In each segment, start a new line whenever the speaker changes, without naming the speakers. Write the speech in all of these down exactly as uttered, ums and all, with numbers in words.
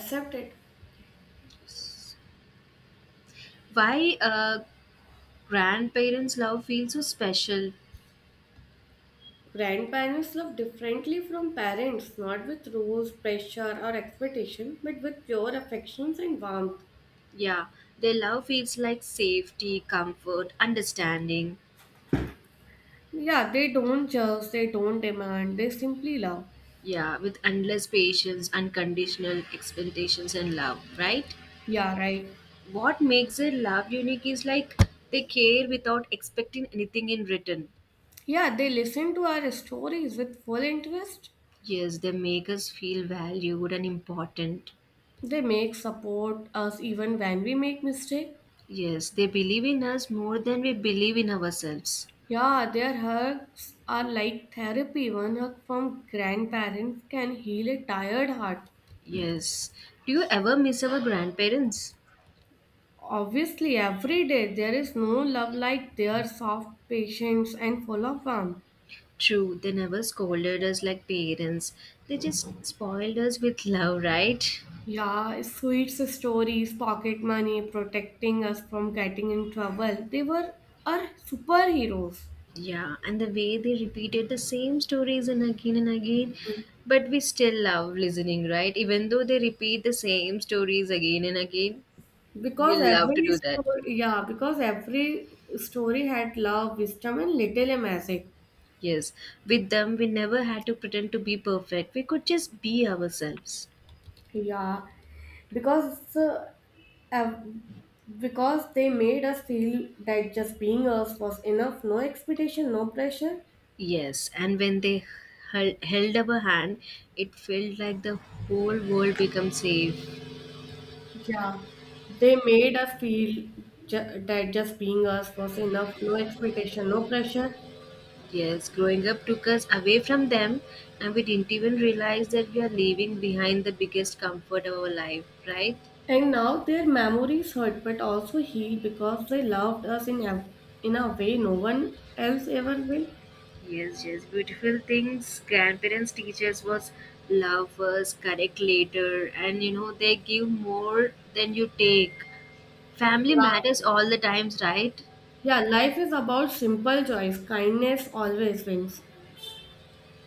Except it.
Why uh, grandparents love feels so special.
Grandparents love differently from parents, not with rules, pressure, or expectation, but with pure affections and warmth.
Yeah, their love feels like safety, comfort, understanding.
Yeah, they don't judge, they don't demand, they simply love.
Yeah, with endless patience, unconditional expectations and love, right?
Yeah, right.
What makes their love unique is like they care without expecting anything in return.
Yeah, they listen to our stories with full interest.
Yes, they make us feel valued and important.
They make support us even when we make mistake.
Yes, they believe in us more than we believe in ourselves.
Yeah, their hugs are like therapy. One hug from grandparents can heal a tired heart.
Yes, do you ever miss our grandparents?
Obviously, every day there is no love like their soft patience and full of warmth.
True, they never scolded us like parents. They just spoiled us with love, right?
Yeah, sweet stories, pocket money, protecting us from getting in trouble. They were our superheroes
Yeah, and the way they repeated the same stories and again and again, but we still love listening, right? Even though they repeat the same stories again and again, we
because
love to
every
do that.
story, yeah, because every story had love, wisdom, and little magic.
Yes, with them, we never had to pretend to be perfect. We could just be ourselves.
Yeah, because uh, ev- because they made us feel that just being us was enough, no expectation, no pressure.
Yes, and when they held, held up a hand, it felt like the whole world became safe.
Yeah, they made us feel ju- that just being us was enough, no expectation, no pressure.
Yes, growing up took us away from them, and we didn't even realize that we are leaving behind the biggest comfort of our life, right?
And now their memories hurt but also heal because they loved us in a, in a way no one else ever will.
Yes, yes, beautiful things. Grandparents teach us was love first, correct later, and you know, they give more than you take. Family
Yeah,
matters all the times, right?
yeah, life is about simple joys. Kindness always wins.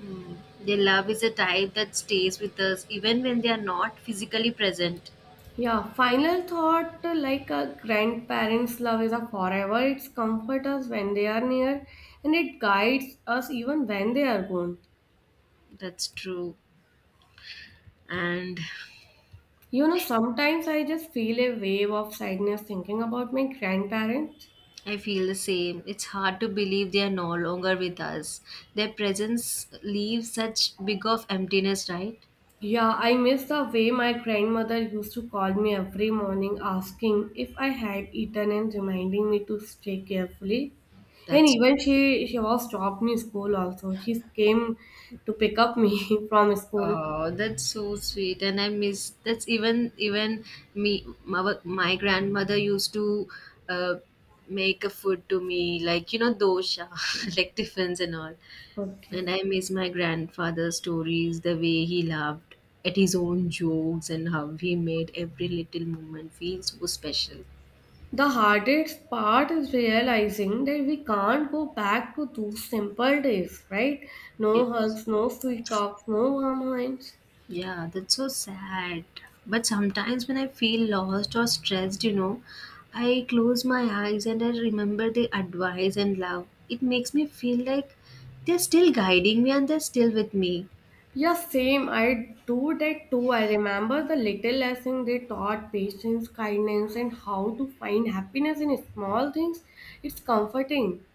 Mm. Their love is a type that stays with us even when they are not physically present.
Yeah, final thought uh, like a grandparent's love is a forever. It's comfort us when they are near and it guides us even when they are gone.
That's true. And
You know, sometimes I just feel a wave of sadness thinking about my grandparents.
I feel the same. It's hard to believe they are no longer with us. Their presence leaves such big of emptiness, right?
Yeah, I miss the way my grandmother used to call me every morning asking if I had eaten and reminding me to stay carefully. And
That's
even
true.
she she was dropped me school also. She came to pick up me from school.
Oh, that's so sweet, and I miss. That's even even me. My, my grandmother used to uh, make a food to me, like you know dosha, like tiffins and all.
Okay.
And I miss my grandfather's stories, the way he laughed at his own jokes, and how he made every little moment feel so special.
The hardest part is realizing that we can't go back to those simple days, right? No
Yes.
hugs, no sweet talks, no warm hands.
Yeah, that's so sad. But sometimes when I feel lost or stressed, you know, I close my eyes and I remember the advice and love. It makes me feel like they're still guiding me and they're still with me.
Yeah, same. I do that too. I remember the little lesson they taught patience, kindness, and how to find happiness in small things. It's comforting.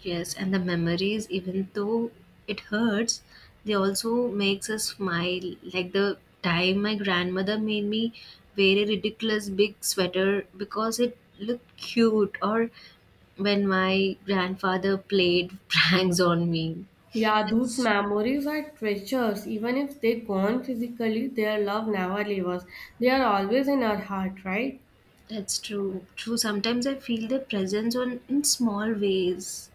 Yes, and the memories, even though it hurts, they also makes us smile. Like the time my grandmother made me wear a ridiculous big sweater because it looked cute, or when my grandfather played pranks on me.
Yeah, those
That's
memories are treasures. Even if they're gone physically, their love never leaves us. They are always in our heart, right?
that's true. True. Sometimes I feel their presence on in small ways.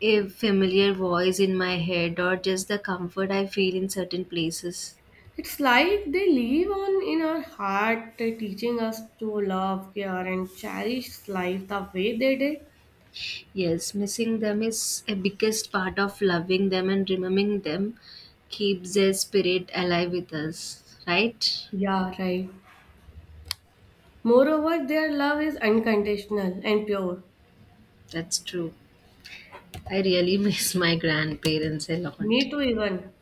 A familiar voice in my head, or just the comfort I feel in certain places.
It's like they live on in our heart, uh, teaching us to love, care, and cherish life the way they did.
Yes, missing them is a biggest part of loving them and remembering them keeps their spirit alive with us, right?
Yeah, right. Moreover, their love is unconditional and pure.
That's true. I really miss my grandparents a
Me
lot.
too, even.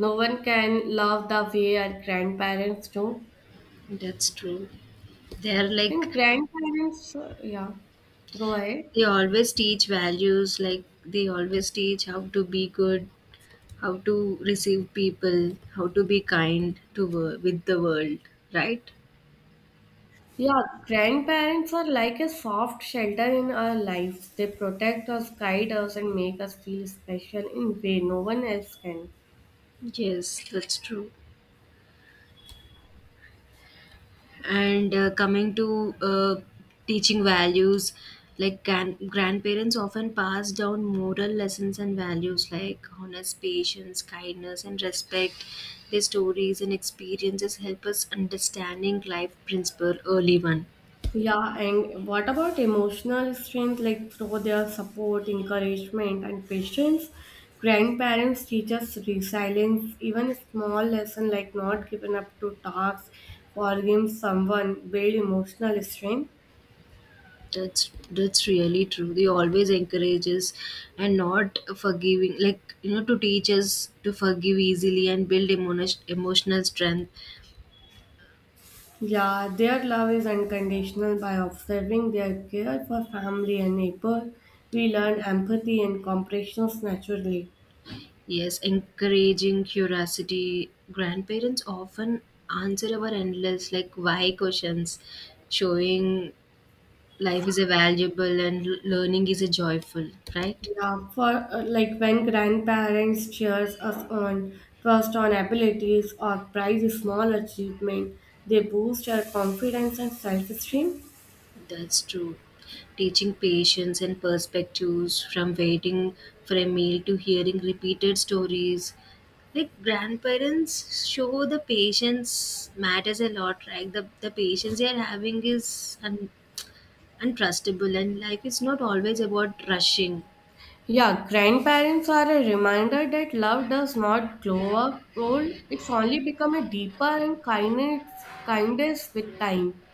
No one can love the way our grandparents do.
That's true. They're like,
And grandparents, uh, yeah, go ahead.
they always teach values, like, they always teach how to be good, how to receive people, how to be kind to wo- with the world, right?
Yeah, grandparents are like a soft shelter in our lives. They protect us, guide us, and make us feel special in way no one else can.
Yes, that's true. And uh, coming to uh, teaching values, like gran- grandparents often pass down moral lessons and values like honest, patience, kindness, and respect. Their stories and experiences help us understanding life principle early one.
Yeah, and what about emotional strength? Like through their support, encouragement, and patience, grandparents teach us resilience. Even small lesson like not giving up to tasks, forgiving someone, build emotional strength.
That's that's really true. They always encourage us and not forgiving, like you know, to teach us to forgive easily and build emotion, emotional strength.
Yeah, their love is unconditional by observing their care for family and neighbor. We learn empathy and compassion naturally.
Yes, encouraging curiosity. Grandparents often answer our endless like why questions, showing life is a valuable and l- learning is a joyful, right?
Yeah, for uh, like when grandparents cheers us on first on abilities or prize a small achievement, they boost our confidence and self-esteem.
That's true. Teaching patience and perspectives from waiting for a meal to hearing repeated stories. Like grandparents show the patience matters a lot, right? The the patience they are having is un- untrustable, and life is not always about rushing.
Yeah, grandparents are a reminder that love does not grow up old. It's only become a deeper and kindness, kindness with time.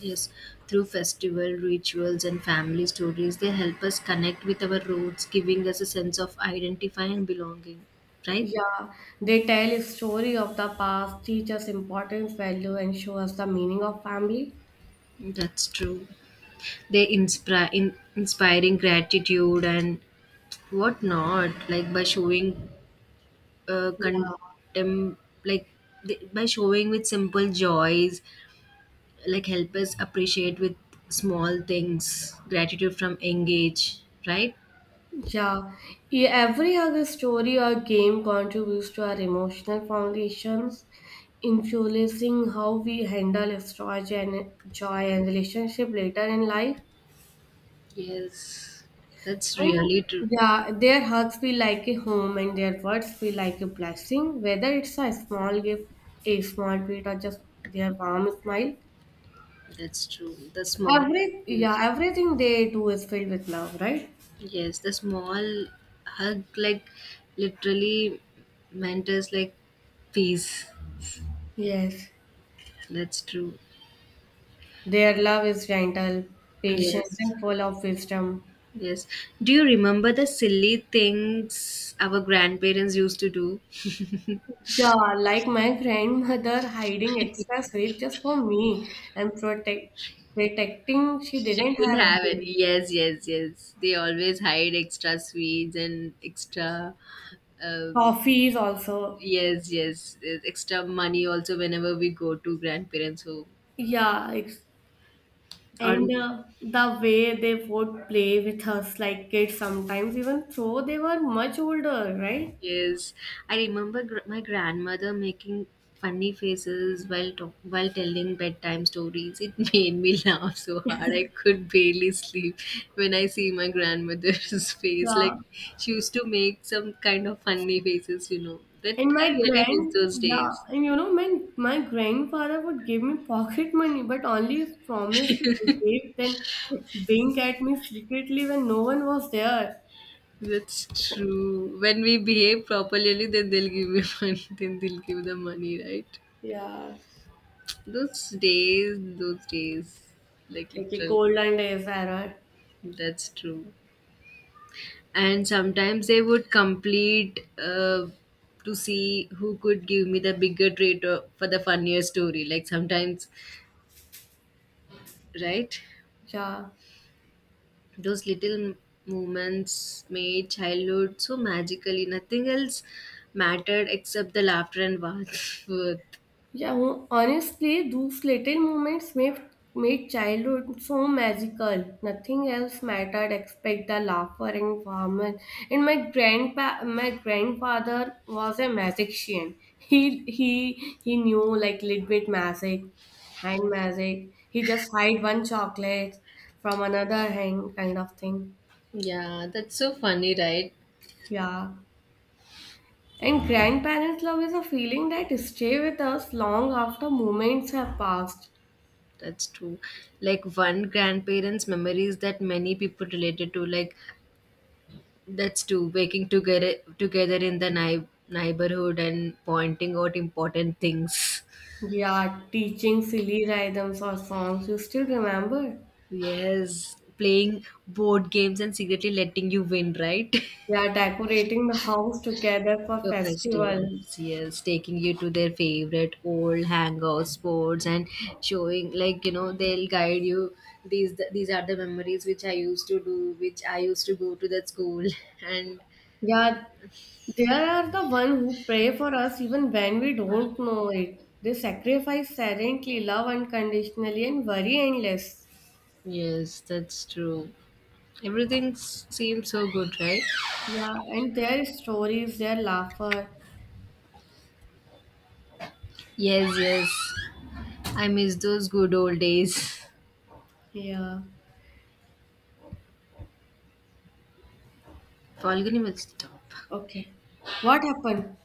Yes, through festival rituals and family stories, they help us connect with our roots, giving us a sense of identify and belonging, right?
Yeah, they tell a story of the past, teach us importance, value, and show us the meaning of family.
That's true, they inspire in, inspiring gratitude and whatnot, like by showing uh,
Yeah.
contem-, like th- by showing with simple joys, like help us appreciate with small things, gratitude from engage, right?
Yeah, e- every other story or game contributes to our emotional foundations, influencing how we handle strategy and joy and relationship later in life.
Yes, that's
And
really true.
yeah, their hugs feel like a home and their words feel like a blessing, whether it's a small gift, a small treat, or just their warm smile.
That's true. The small
Every
is
yeah, everything they do is filled with love, right?
yes, the small hug like literally matters like peace.
Yes.
That's true.
Their love is gentle, patient,
Yes.
and full of wisdom.
Yes. Do you remember the silly things our grandparents used to do?
Sure, like my grandmother hiding extra sweet just for me and protect protecting she
She
didn't
didn't
have
have
any
any. Yes, yes, yes. They always hide extra sweets and extra uh,
toffees also.
yes, yes. uh, Extra money also whenever we go to grandparents' home.
Yeah, it's,
Or
and uh, The way they would play with us like kids sometimes even though they were much older, right?
yes, I remember gr- my grandmother making funny faces while talk- while telling bedtime stories. It made me laugh so hard I could barely sleep when I see my grandmother's face.
Yeah.
Like she used to make some kind of funny faces, you know. That
And
I
my
really miss
grand
those
yeah,
days.
and you know my my grandfather would give me pocket money but only if promised to behave then wink at me secretly when no one was there.
That's true. When we behave properly, only then they'll give me money. Then they'll give the money, right?
Yeah,
Those days, those days, like
like a
literal.
golden days era.
That's true. And sometimes they would complete uh, to see who could give me the bigger treat or- for the funnier story. Like sometimes, right?
Yeah,
Those little moments made childhood so magically. Nothing else mattered except the laughter and warmth.
yeah. ho- Honestly, those little moments made made childhood so magical. Nothing else mattered except the laughter and warmth. And my grandpa, my grandfather was a magician. He he he knew like little bit magic, hand magic. He just hide one chocolate from another hand, kind of thing.
Yeah, that's so funny, right?
Yeah. And grandparents' love is a feeling that stay with us long after moments have passed.
That's true. Like one grandparent's memories that many people related to, like that's true. Working together together in the ni- neighborhood and pointing out important things.
Yeah, teaching silly rhythms or songs you still remember.
Yes, playing board games and secretly letting you win, right?
Yeah, decorating the house together for
For
festival.
festivals, yes, taking you to their favorite old hangout spots and showing, like you know, they'll guide you. These these are the memories which I used to do, which I used to go to that school, and
Yeah, they are the one who pray for us even when we don't know it. They sacrifice silently, love unconditionally, and worry endless.
yes, that's true. Everything s- seems so good, right?
Yeah, and their stories, their laughter.
Yes, yes. I miss those good old days.
Yeah.
Falguni will stop.
Okay. What happened?